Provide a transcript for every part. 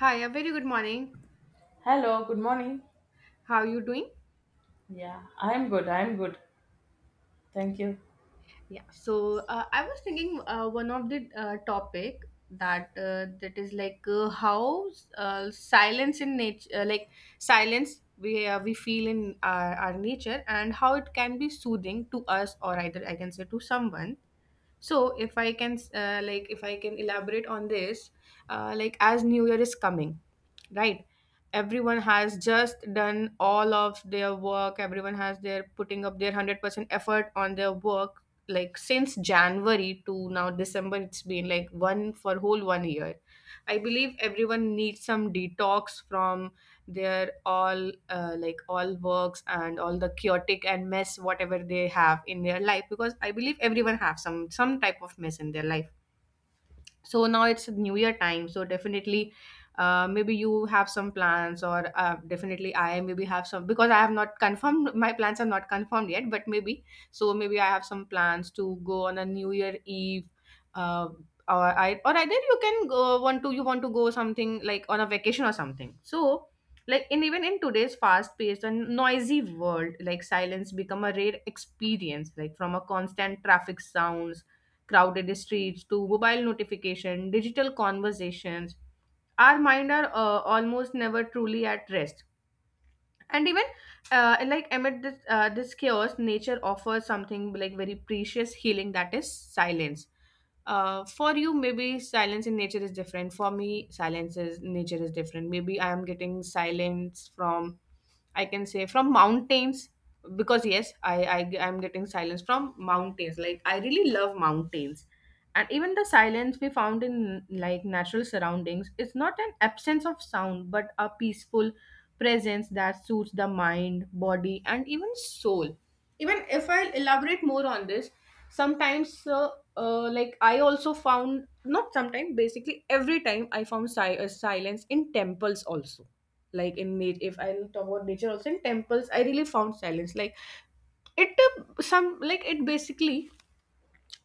Hi, a very good morning. Hello, good morning. How are you doing? Yeah, I'm good. I'm good. Thank you. Yeah. So I was thinking one of the topic that that is like how silence in nature, like silence we feel in our nature, and how it can be soothing to us, or either I can say to someone. So if I can like if I can elaborate on this, like as new year is coming, right? Everyone has just done all of their work. Everyone has their putting up their 100% effort on their work, like since January to now December. It's been like one for whole one year. I believe everyone needs some detox from their all like all works and all the chaotic and mess whatever they have in their life, because I believe everyone have some type of mess in their life. So now it's new year time. So definitely maybe you have some plans, or definitely I maybe have some, because I have not confirmed, my plans are not confirmed yet, but maybe. So maybe I have some plans to go on a new year eve, uh, or I or either you can go want to you want to go something like on a vacation or something. So like in even in today's fast paced and noisy world, like silence become a rare experience, like from a constant traffic sounds, crowded streets to mobile notification, digital conversations, our mind are almost never truly at rest. And even like amid this chaos, nature offers something like very precious healing, that is silence. For you maybe silence in nature is different, for me silence is nature is different. Maybe I am getting silence from, I can say, from mountains, because yes, I'm getting silence from mountains. Like I really love mountains. And even the silence we found in like natural surroundings is not an absence of sound, but a peaceful presence that suits the mind, body, and even soul. Even if I'll elaborate more on this, sometimes like I also found, not sometimes, basically every time I found silence in temples also, like in nature, if I talk about nature, also in temples I really found silence like it some like it basically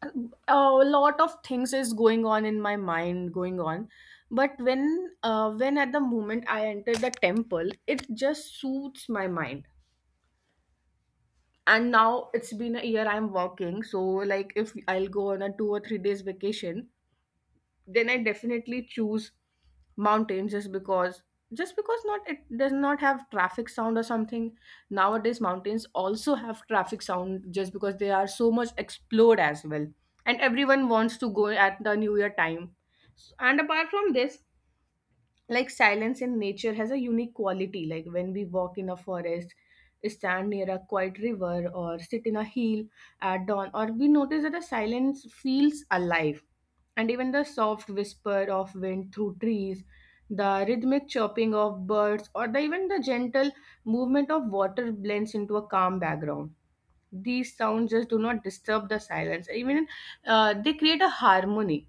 uh, a lot of things is going on in my mind going on, but when at the moment I enter the temple it just suits my mind. And now it's been a year I'm working, so like if I'll go on a 2 or 3 days vacation, then I definitely choose mountains, just because, just because, not it does not have traffic sound or something. Nowadays mountains also have traffic sound, just because they are so much explored as well, and everyone wants to go at the new year time. And apart from this, like silence in nature has a unique quality. Like when we walk in a forest, stand near a quiet river, or sit in a hill at dawn, or we notice that the silence feels alive. And even the soft whisper of wind through trees, the rhythmic chirping of birds, or even the gentle movement of water blends into a calm background. These sounds just do not disturb the silence. Even they create a harmony.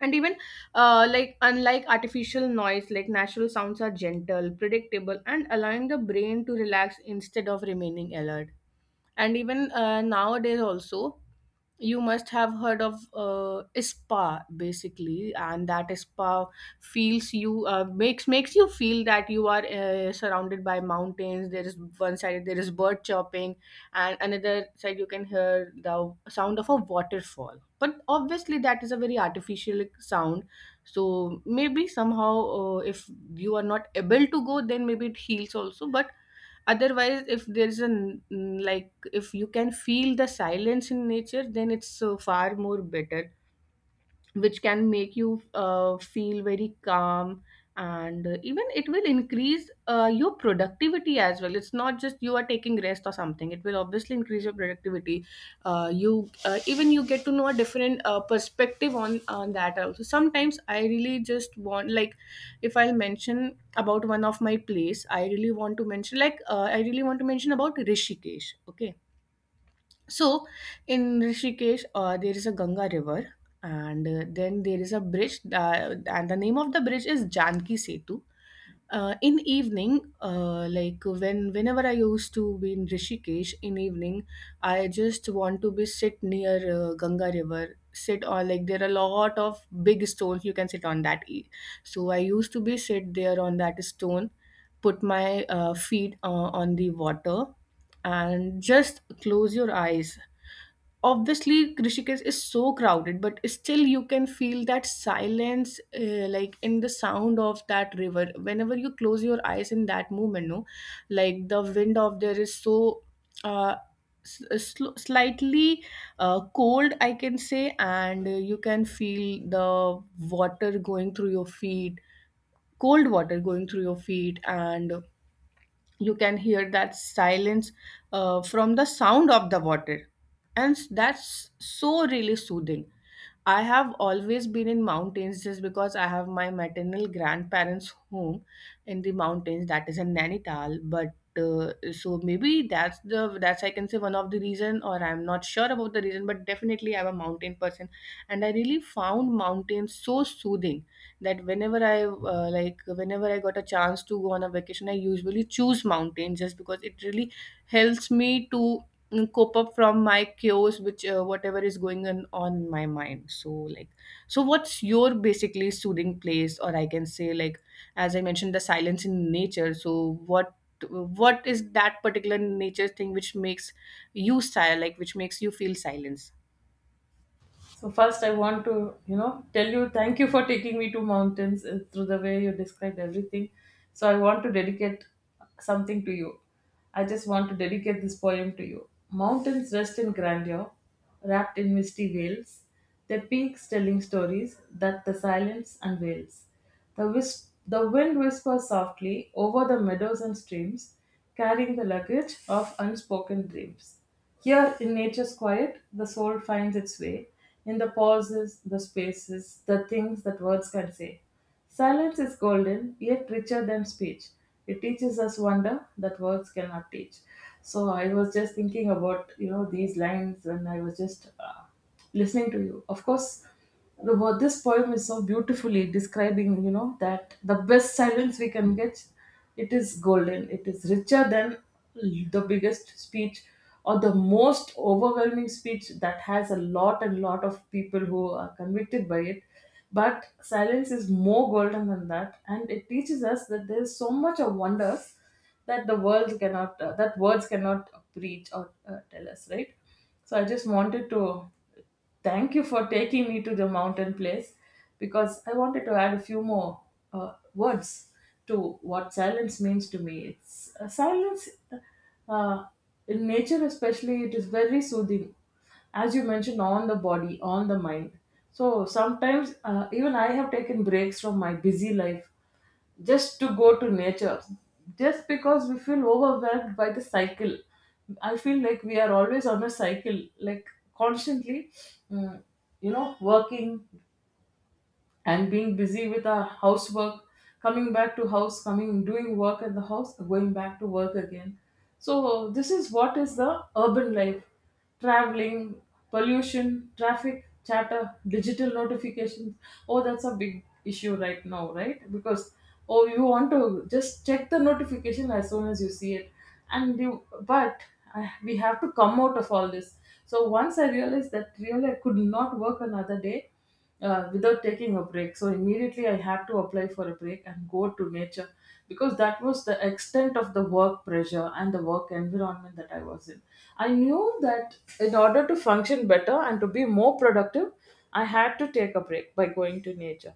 And even like unlike artificial noise, like natural sounds are gentle, predictable, and allowing the brain to relax instead of remaining alert. And even nowadays also, you must have heard of spa basically, and that spa feels you, makes you feel that you are surrounded by mountains. There is one side, there is bird chirping, and another side you can hear the sound of a waterfall, but obviously that is a very artificial sound. So maybe somehow, if you are not able to go, then maybe it heals also, but otherwise if there's a like if you can feel the silence in nature, then it's so far more better, which can make you feel very calm. And even it will increase your productivity as well. It's not just you are taking rest or something, it will obviously increase your productivity. You even you get to know a different perspective on that also. Sometimes I really just want, like if I'll mention about one of my place, I really want to mention, like, I really want to mention about Rishikesh, okay. So in Rishikesh, there is a Ganga River, and then there is a bridge, and the name of the bridge is Janki Setu. In evening, like when whenever I used to be in Rishikesh in evening, I just want to be sit near Ganga River, sit on, like there are a lot of big stones, you can sit on that. So I used to be sit there on that stone, put my feet on the water, and just close your eyes. Obviously Rishikesh is so crowded, but still you can feel that silence, like in the sound of that river. Whenever you close your eyes in that moment, no, like the wind of there is so uh, slightly cold, I can say, and you can feel the water going through your feet, cold water going through your feet, and you can hear that silence from the sound of the water, and that's so really soothing. I have always been in mountains, just because I have my maternal grandparents home in the mountains, that is in Nainital. But so maybe that's I can say one of the reason, or I'm not sure about the reason, but definitely I'm a mountain person, and I really found mountains so soothing, that whenever I like whenever I got a chance to go on a vacation, I usually choose mountains, just because it really helps me to, mm, cope up from my chaos, which, whatever is going on my mind. So, like, so what's your basically soothing place, or I can say, like, as I mentioned, the silence in nature. So what? What is that particular nature thing which makes you silent, like which makes you feel silence? So first I want to, tell you thank you for taking me to mountains, through the way you described everything. So I want to dedicate something to you. I just want to dedicate this poem to you. Mountains rest in grandeur, wrapped in misty veils, their peaks telling stories that the silence unveils. The wind whispers softly over the meadows and streams, carrying the luggage of unspoken dreams. Here, in nature's quiet, the soul finds its way, in the pauses, the spaces, the things that words can say. Silence is golden, yet richer than speech. It teaches us wonder that words cannot teach. So I was just thinking about these lines, and I was just listening to you. Of course, the word this poem is so beautifully describing, that the best silence we can get, it is golden. It is richer than the biggest speech or the most overwhelming speech that has a lot and lot of people who are convicted by it. But silence is more golden than that, and it teaches us that there is so much of wonder that the world cannot, that words cannot preach or tell us, right? So I just wanted to thank you for taking me to the mountain place, because I wanted to add a few more words to what silence means to me. It's silence, uh, in nature, especially, it is very soothing, as you mentioned, on the body, on the mind. So sometimes, even I have taken breaks from my busy life just to go to nature, just because we feel overwhelmed by the cycle. I feel like we are always on a cycle, like constantly, mm, working and being busy with our housework, coming back to house, coming doing work at the house, going back to work again. So this is what is the urban life: traveling, pollution, traffic, chatter, digital notifications. Oh, that's a big issue right now, right? Because oh, you want to just check the notification as soon as you see it, and you but. We have to come out of all this. So once I realized that really I could not work another day, without taking a break. So immediately I had to apply for a break and go to nature, because that was the extent of the work pressure and the work environment that I was in. I knew that in order to function better and to be more productive, I had to take a break by going to nature.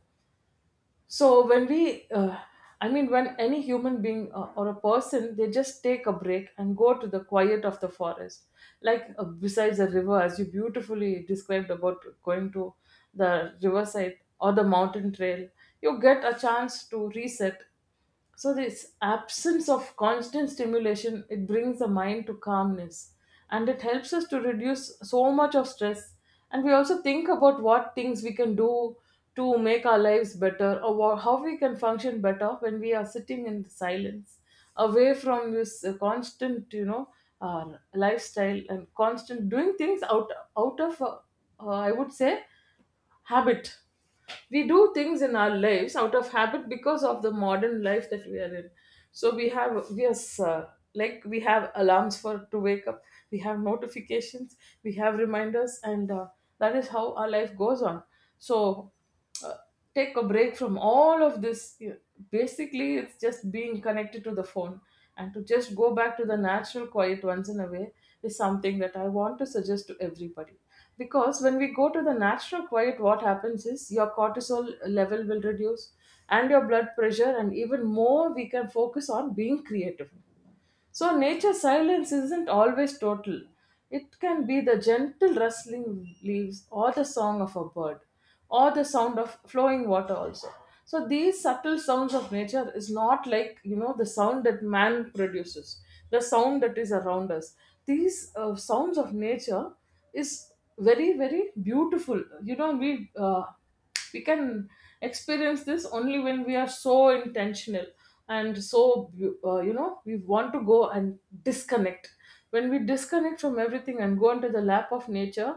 So when we I mean, when any human being, or a person, they just take a break and go to the quiet of the forest, like besides the river, as you beautifully described, about going to the riverside or the mountain trail, you get a chance to reset. So this absence of constant stimulation, it brings the mind to calmness, and it helps us to reduce so much of stress. And we also think about what things we can do to make our lives better, or how we can function better when we are sitting in silence away from this constant, lifestyle, and constant doing things out of I would say, habit. We do things in our lives out of habit because of the modern life that we are in. So we are, uh, like we have alarms for to wake up, we have notifications, we have reminders, and that is how our life goes on. So uh, take a break from all of this. Basically, it's just being connected to the phone, and to just go back to the natural quiet once in a way is something that I want to suggest to everybody. Because when we go to the natural quiet, what happens is your cortisol level will reduce, and your blood pressure, and even more, we can focus on being creative. So nature's silence isn't always total. It can be the gentle rustling leaves, or the song of a bird, or the sound of flowing water also. So these subtle sounds of nature is not like, the sound that man produces, the sound that is around us. These sounds of nature is very very beautiful. You know, we can experience this only when we are so intentional, and so we want to go and disconnect. When we disconnect from everything and go into the lap of nature,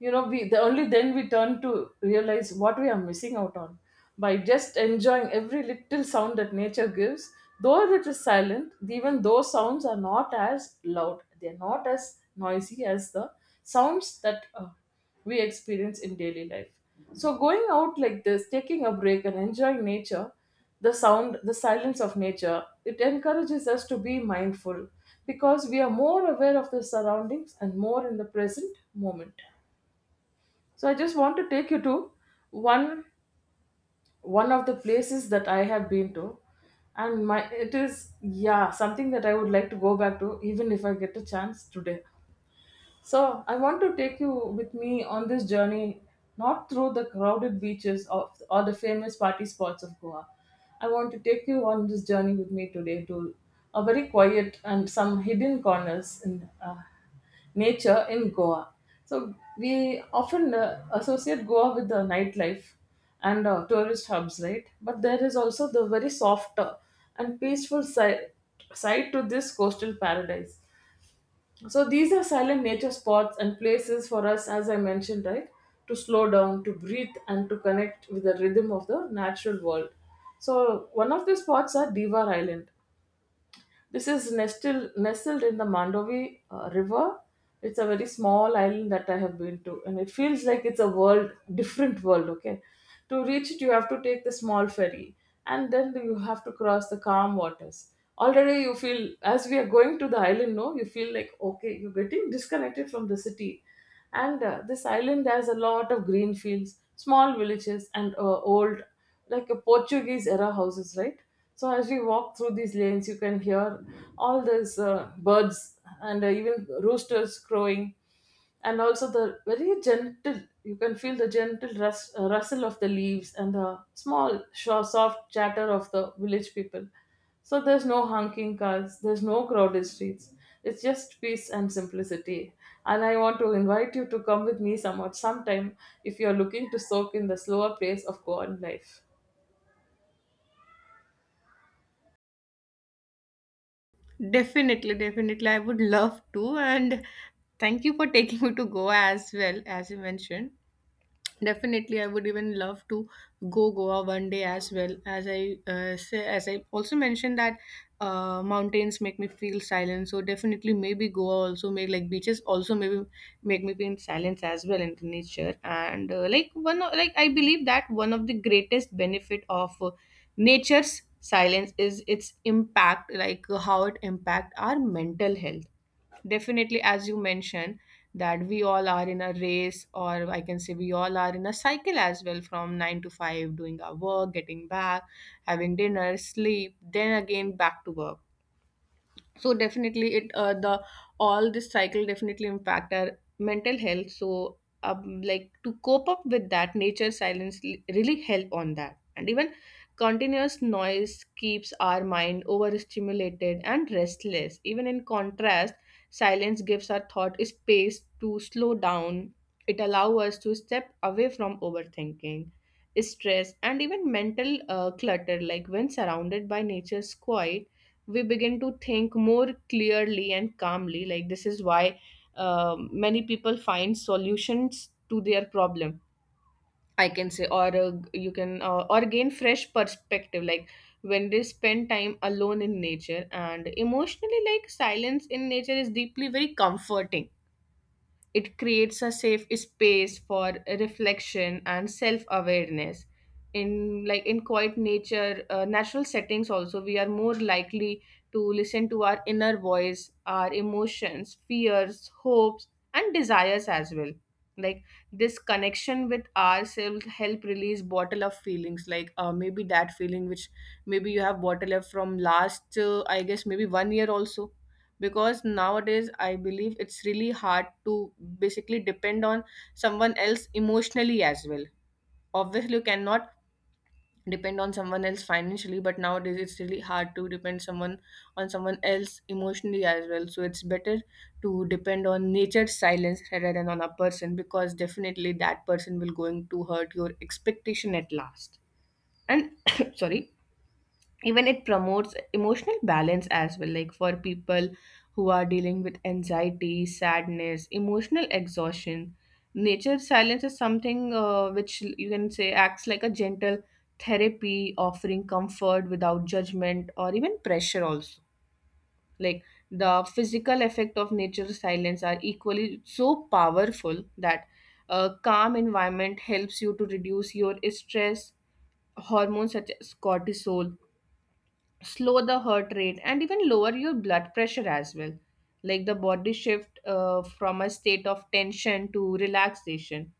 you know, we, the only then we turn to realize what we are missing out on, by just enjoying every little sound that nature gives, though it is silent. Even those sounds are not as loud, they are not as noisy as the sounds that we experience in daily life. So going out like this, taking a break and enjoying nature, the sound, the silence of nature, it encourages us to be mindful, because we are more aware of the surroundings, and more in the present moment. So I just want to take you to one of the places that I have been to, and my it is, yeah, something that I would like to go back to even if I get a chance today. So, I want to take you with me on this journey, not through the crowded beaches of, or the famous party spots of Goa. I want to take you on this journey with me today to a very quiet and some hidden corners in, nature in Goa. So, we often associate Goa with the nightlife and tourist hubs, right? But there is also the very soft, and peaceful side to this coastal paradise. So these are silent nature spots and places for us, as I mentioned, right, to slow down, to breathe, and to connect with the rhythm of the natural world. So one of the spots are Divar Island. This is nestled in the Mandovi River. It's a very small island that I have been to, and it feels like it's a world, different world. Okay, to reach it, you have to take the small ferry, and then you have to cross the calm waters. Already, you feel, as we are going to the island, no, you feel like, okay, you're getting disconnected from the city, and this island has a lot of green fields, small villages, and old, like a Portuguese era houses, right? So as we walk through these lanes, you can hear all these birds and even roosters crowing, and also the very gentle. You can feel the gentle rustle of the leaves, and the small, soft chatter of the village people. So there's no honking cars, there's no crowded streets. It's just peace and simplicity. And I want to invite you to come with me somewhat sometime if you're looking to soak in the slower pace of Goan life. Definitely, definitely. I would love to. And thank you for taking me to Goa as well, as you mentioned. Definitely, I would even love to go Goa one day as well. As I say, as I also mentioned that mountains make me feel silent. So definitely, maybe Goa also make, like beaches also maybe make me feel silence as well in nature. And like one of, like I believe that one of the greatest benefit of nature's silence is its impact, like how it impact our mental health. Definitely, as you mentioned, that we all are in a race, or I can say we all are in a cycle as well, from 9 to 5, doing our work, getting back, having dinner, sleep, then again back to work. So definitely it the all this cycle definitely impact our mental health. So like to cope up with that, nature silence really help on that. And even continuous noise keeps our mind overstimulated and restless. Even in contrast, silence gives our thought space to slow down. It allows us to step away from overthinking, stress, and even mental clutter. Like when surrounded by nature's quiet, we begin to think more clearly and calmly, like this is why many people find solutions to their problem, I can say, or you can, or gain fresh perspective, like when they spend time alone in nature. And emotionally, like silence in nature is deeply very comforting. It creates a safe space for reflection and self-awareness. In like in quiet nature, natural settings also, we are more likely to listen to our inner voice, our emotions, fears, hopes, and desires as well. Like this connection with ourselves help release bottle of feelings, like maybe that feeling which maybe you have bottle up from last I guess maybe one year also, because nowadays I believe it's really hard to basically depend on someone else emotionally as well. Obviously you cannot depend on someone else financially, but nowadays it's really hard to depend someone on someone else emotionally as well, so it's better to depend on nature's silence rather than on a person, because definitely that person will going to hurt your expectation at last. And sorry. Even it promotes emotional balance as well, like for people who are dealing with anxiety, sadness, emotional exhaustion. Nature silence is something which you can say acts like a gentle therapy, offering comfort without judgment or even pressure also. Like the physical effect of nature silence are equally so powerful that a calm environment helps you to reduce your stress hormones such as cortisol, slow the heart rate, and even lower your blood pressure as well. Like the body shift from a state of tension to relaxation.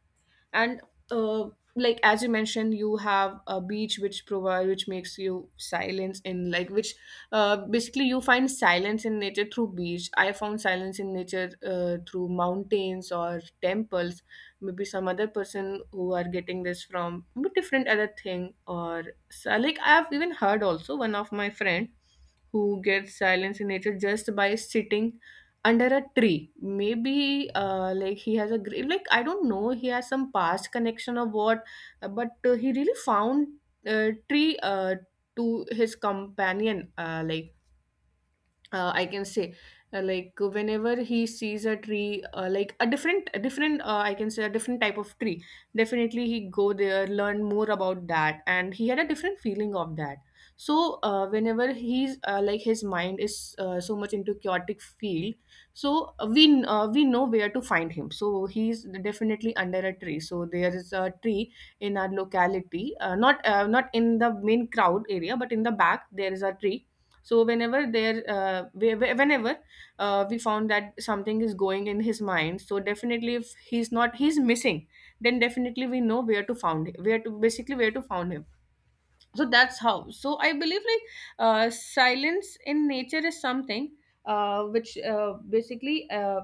And uh, like as you mentioned, you have a beach which provide, which makes you silence in, like, which basically you find silence in nature through beach. I found silence in nature through mountains or temples. Maybe some other person who are getting this from maybe different other thing, or so, like I have even heard also one of my friend who gets silence in nature just by sitting under a tree. Maybe like he has a like I don't know, he has some past connection or what. But he really found tree to his companion. Like I can say, like whenever he sees a tree, like a different I can say a different type of tree, definitely he go there, learn more about that, and he had a different feeling of that. So whenever he's, like his mind is so much into chaotic field, so we know where to find him, so he's definitely under a tree. So there is a tree in our locality, not not in the main crowd area but in the back, there is a tree. So whenever there whenever we found that something is going in his mind, so definitely if he's not, he's missing, then definitely we know where to found him, where to basically where to found him. So that's how. So I believe, like silence in nature is something which basically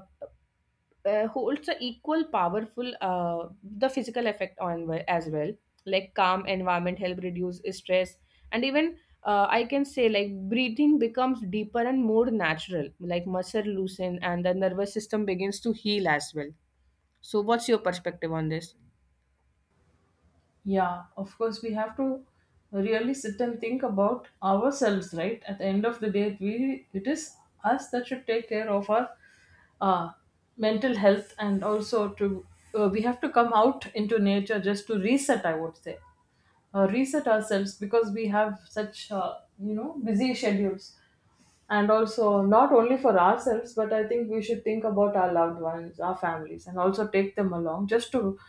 holds a equal powerful the physical effect on as well. Like calm environment help reduce stress, and even I can say, like breathing becomes deeper and more natural, like muscle loosen and the nervous system begins to heal as well. So what's your perspective on this? Yeah, of course, we have to really sit and think about ourselves, right? At the end of the day, we it is us that should take care of our, uh, mental health, and also to, we have to come out into nature just to reset. I would say, reset ourselves, because we have such busy schedules, and also not only for ourselves, but I think we should think about our loved ones, our families, and also take them along, just to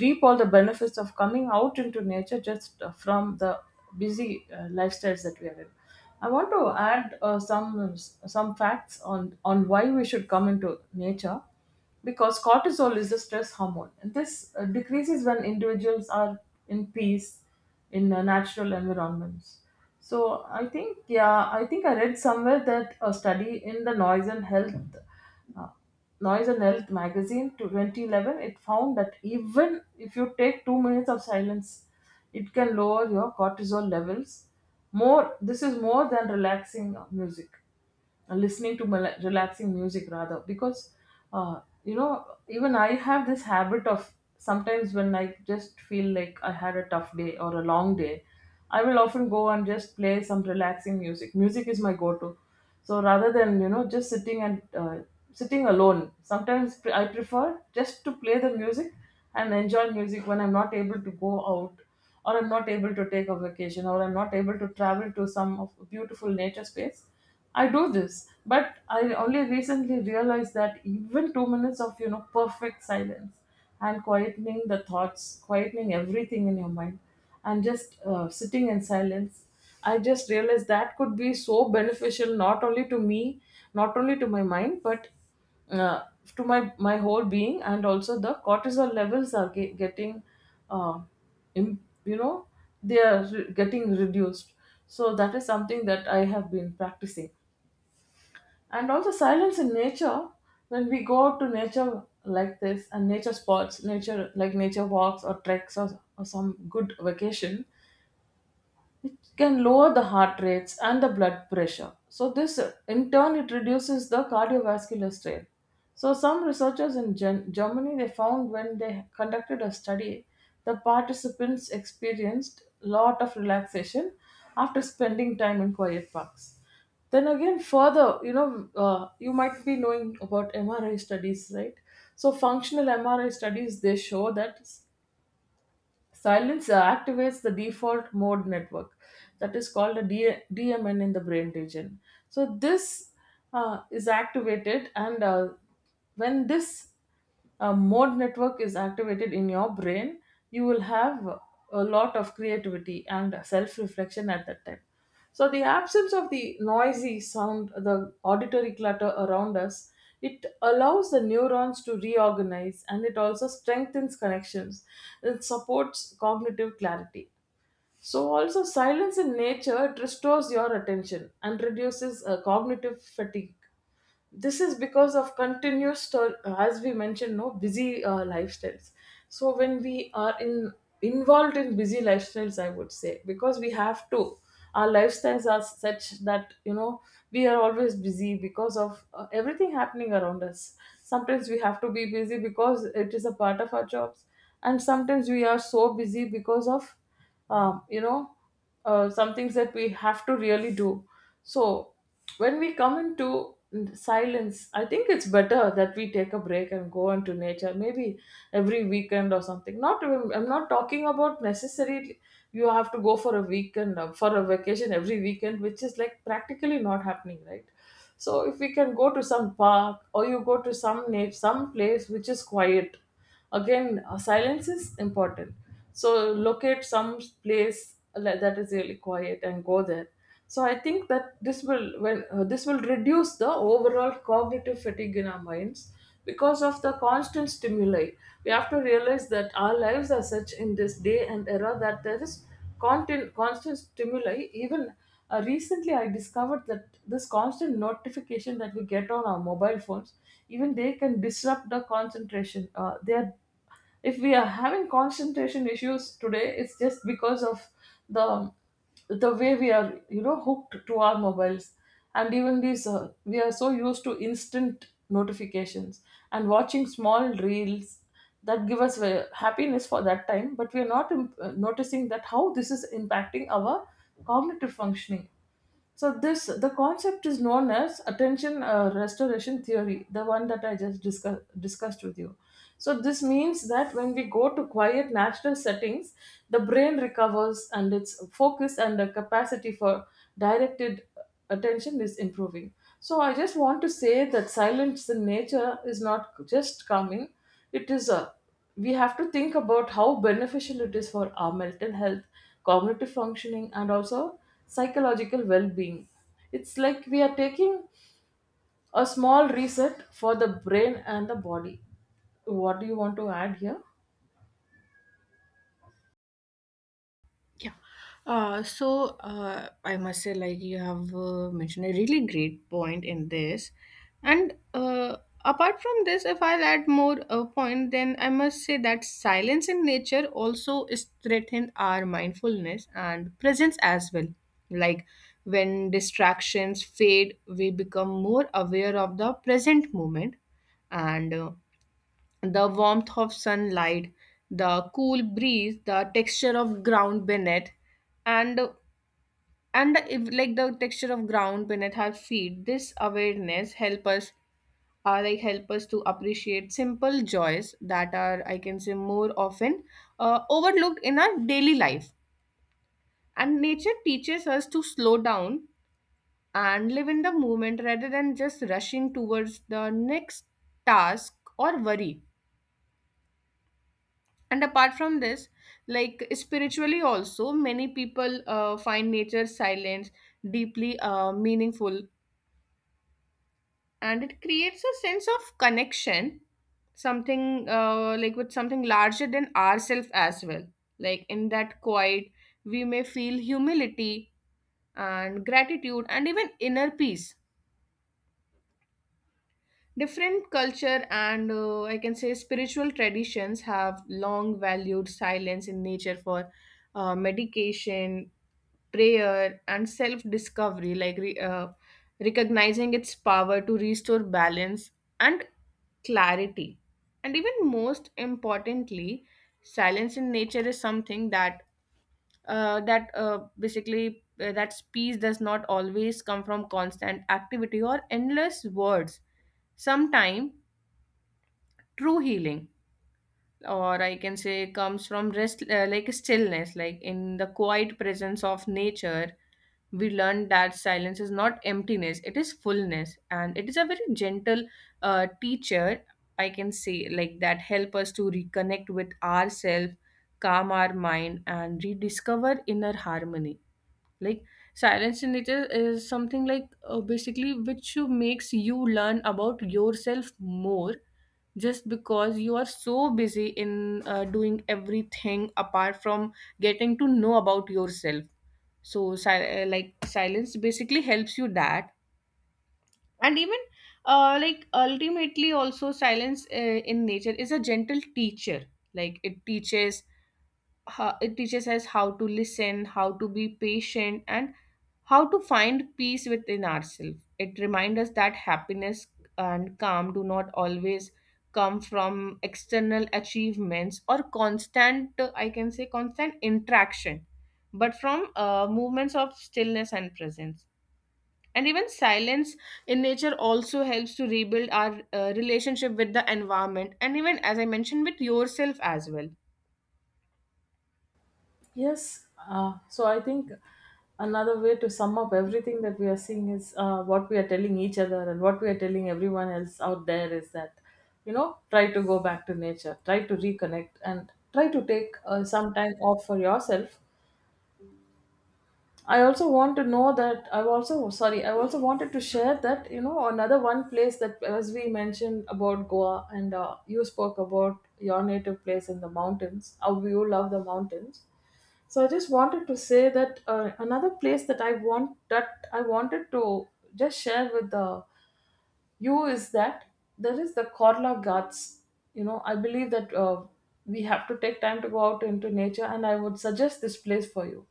reap all the benefits of coming out into nature, just from the busy, lifestyles that we are in. I want to add some facts on why we should come into nature, because cortisol is a stress hormone, and this decreases when individuals are in peace, in natural environments. So I think, yeah, I think I read somewhere that a study in the uh, Noise and Health magazine to 2011, it found that even if you take 2 minutes of silence, it can lower your cortisol levels. More, this is more than relaxing music and listening to relaxing music rather. Because you know even I have this habit of sometimes when I just feel like I had a tough day or a long day, I will often go and just play some relaxing music. Music is my go-to. So rather than just sitting and sitting alone, sometimes I prefer just to play the music and enjoy music when I'm not able to go out or I'm not able to take a vacation or I'm not able to travel to some of beautiful nature space. I do this, but I only recently realized that even 2 minutes of perfect silence and quietening the thoughts, quietening everything in your mind, and just sitting in silence, I just realized that could be so beneficial not only to me, not only to my mind, but uh, to my whole being, and also the cortisol levels are getting, uh, im- you know they are getting reduced. So that is something that I have been practicing. And also silence in nature, when we go out to nature like this, and nature spots, nature, like nature walks or treks or some good vacation, it can lower the heart rates and the blood pressure. So, this in turn it reduces the cardiovascular strain. So, some researchers in Germany, they found when they conducted a study, the participants experienced lot of relaxation after spending time in quiet parks. Then again, further, you might be knowing about MRI studies, right? So, functional MRI studies they show that silence activates the default mode network, that is called a DMN, in the brain region. So, this is activated, and when this mode network is activated in your brain, you will have a lot of creativity and self reflection at that time. So the absence of the noisy sound, the auditory clutter around us, it allows the neurons to reorganize, and it also strengthens connections. It supports cognitive clarity. So also silence in nature, it restores your attention and reduces cognitive fatigue. This is because of continuous as we mentioned, no, busy lifestyles. So when we are in, involved in busy lifestyles, I would say, because we have to, our lifestyles are such that you know we are always busy because of everything happening around us. Sometimes we have to be busy because it is a part of our jobs, and sometimes we are so busy because of um, you know some things that we have to really do. So when we come into silence, I think it's better that we take a break and go into nature, maybe every weekend or something. Not even, I'm not talking about necessarily you have to go for a weekend for a vacation every weekend, which is like practically not happening, right? So if we can go to some park, or you go to some some place which is quiet. Again, silence is important. So locate some place like that is really quiet and go there. So I think that this will, when this will reduce the overall cognitive fatigue in our minds because of the constant stimuli. We have to realize that our lives are such in this day and era that there is constant, constant stimuli. Even recently, I discovered that this constant notification that we get on our mobile phones, even they can disrupt the concentration. They are, if we are having concentration issues today, it's just because of the the way we are you know hooked to our mobiles. And even these we are so used to instant notifications and watching small reels that give us happiness for that time, but we are not noticing that how this is impacting our cognitive functioning. So this, the concept is known as attention restoration theory, the one that I just discussed with you. So this means that when we go to quiet natural settings, the brain recovers and its focus and the capacity for directed attention is improving. So I just want to say that silence in nature is not just calming; it is a, we have to think about how beneficial it is for our mental health, cognitive functioning, and also psychological well being. It's like we are taking a small reset for the brain and the body. What do you want to add here? Yeah. So I must say, like you have mentioned a really great point in this, and apart from this, if I'll add more a point, then I must say that silence in nature also is threatened our mindfulness and presence as well. Like when distractions fade, we become more aware of the present moment, and the warmth of sunlight, the cool breeze, the texture of ground beneath, and if, like the texture of ground beneath our feet, this awareness help us, like help us to appreciate simple joys that are, I can say, more often overlooked in our daily life. And nature teaches us to slow down and live in the moment rather than just rushing towards the next task or worry. And apart from this, like spiritually also, many people find nature's silence deeply meaningful, and it creates a sense of connection, something like with something larger than ourselves as well. Like in that quiet, we may feel humility and gratitude and even inner peace. Different culture and I can say spiritual traditions have long valued silence in nature for meditation, prayer, and self discovery, like recognizing its power to restore balance and clarity. And even most importantly, silence in nature is something that that basically that peace does not always come from constant activity or endless words. Sometimes true healing, or I can say, comes from rest, like stillness, like in the quiet presence of nature, we learn that silence is not emptiness, it is fullness, and it is a very gentle teacher, I can say, like that help us to reconnect with ourselves, calm our mind, and rediscover inner harmony. Like silence in nature is something, like basically, which makes you learn about yourself more, just because you are so busy in doing everything apart from getting to know about yourself. So like silence basically helps you that. And even like ultimately also, silence in nature is a gentle teacher. Like it teaches, it teaches us how to listen, how to be patient, and how to find peace within ourselves. It reminds us that happiness and calm do not always come from external achievements or constant, I can say, constant interaction, but from movements of stillness and presence. And even silence in nature also helps to rebuild our relationship with the environment and even, as I mentioned, with yourself as well. Yes, so I think another way to sum up everything that we are seeing is what we are telling each other and what we are telling everyone else out there is that, you know, try to go back to nature, try to reconnect, and try to take some time off for yourself. I also want to know that I also, sorry, I also wanted to share that you know another one place that as we mentioned about Goa, and you spoke about your native place in the mountains, how you love the mountains. So I just wanted to say that another place that I wanted to just share with the you is that there is the Korla Ghats. You know, I believe that we have to take time to go out into nature, and I would suggest this place for you.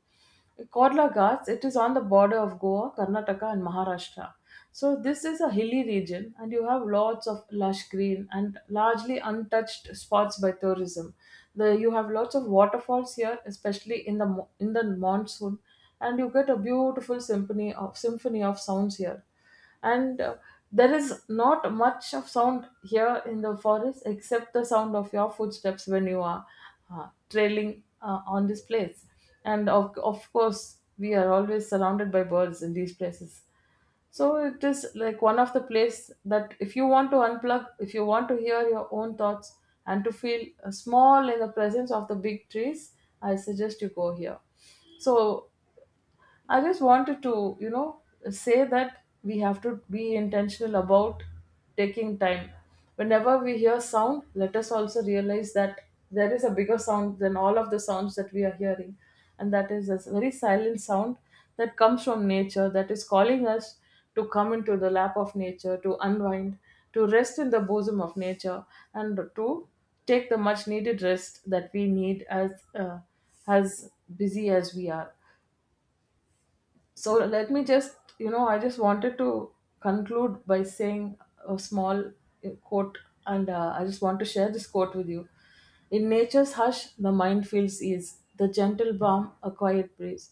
Korla Ghats, it is on the border of Goa, Karnataka, and Maharashtra. So, this is a hilly region, and you have lots of lush green and largely untouched spots by tourism. The, you have lots of waterfalls here, especially in the, in the monsoon, and you get a beautiful symphony of sounds here, and there is not much of sound here in the forest except the sound of your footsteps when you are trailing on this place. And of course we are always surrounded by birds in these places. So it is like one of the place that if you want to unplug, if you want to hear your own thoughts and to feel small in the presence of the big trees, I suggest you go here. So I just wanted to, you know, say that we have to be intentional about taking time. Whenever we hear sound, let us also realize that there is a bigger sound than all of the sounds that we are hearing. And that is this very silent sound that comes from nature, that is calling us to come into the lap of nature, to unwind, to rest in the bosom of nature, and to take the much needed rest that we need as busy as we are. So let me just you know I just wanted to conclude by saying a small quote. And I just want to share this quote with you. In nature's hush the mind feels ease, the gentle balm a quiet breeze,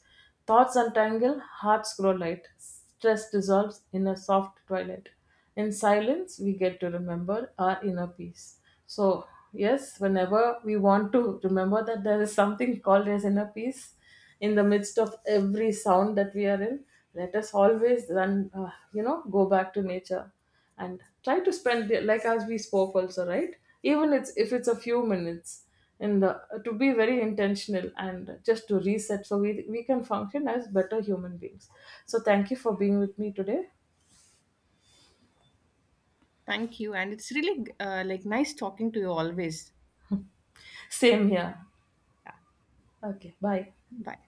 thoughts untangle, hearts grow light, stress dissolves in a soft twilight, in silence we get to remember our inner peace. So yes, whenever we want to remember that there is something called as inner peace in the midst of every sound that we are in, let us always then go back to nature and try to spend, like as we spoke also, right, even it's, if it's a few minutes, in the, to be very intentional and just to reset, so we can function as better human beings. So thank you for being with me today. Thank you. And it's really like nice talking to you always. Same here. Yeah. Okay, bye. Bye.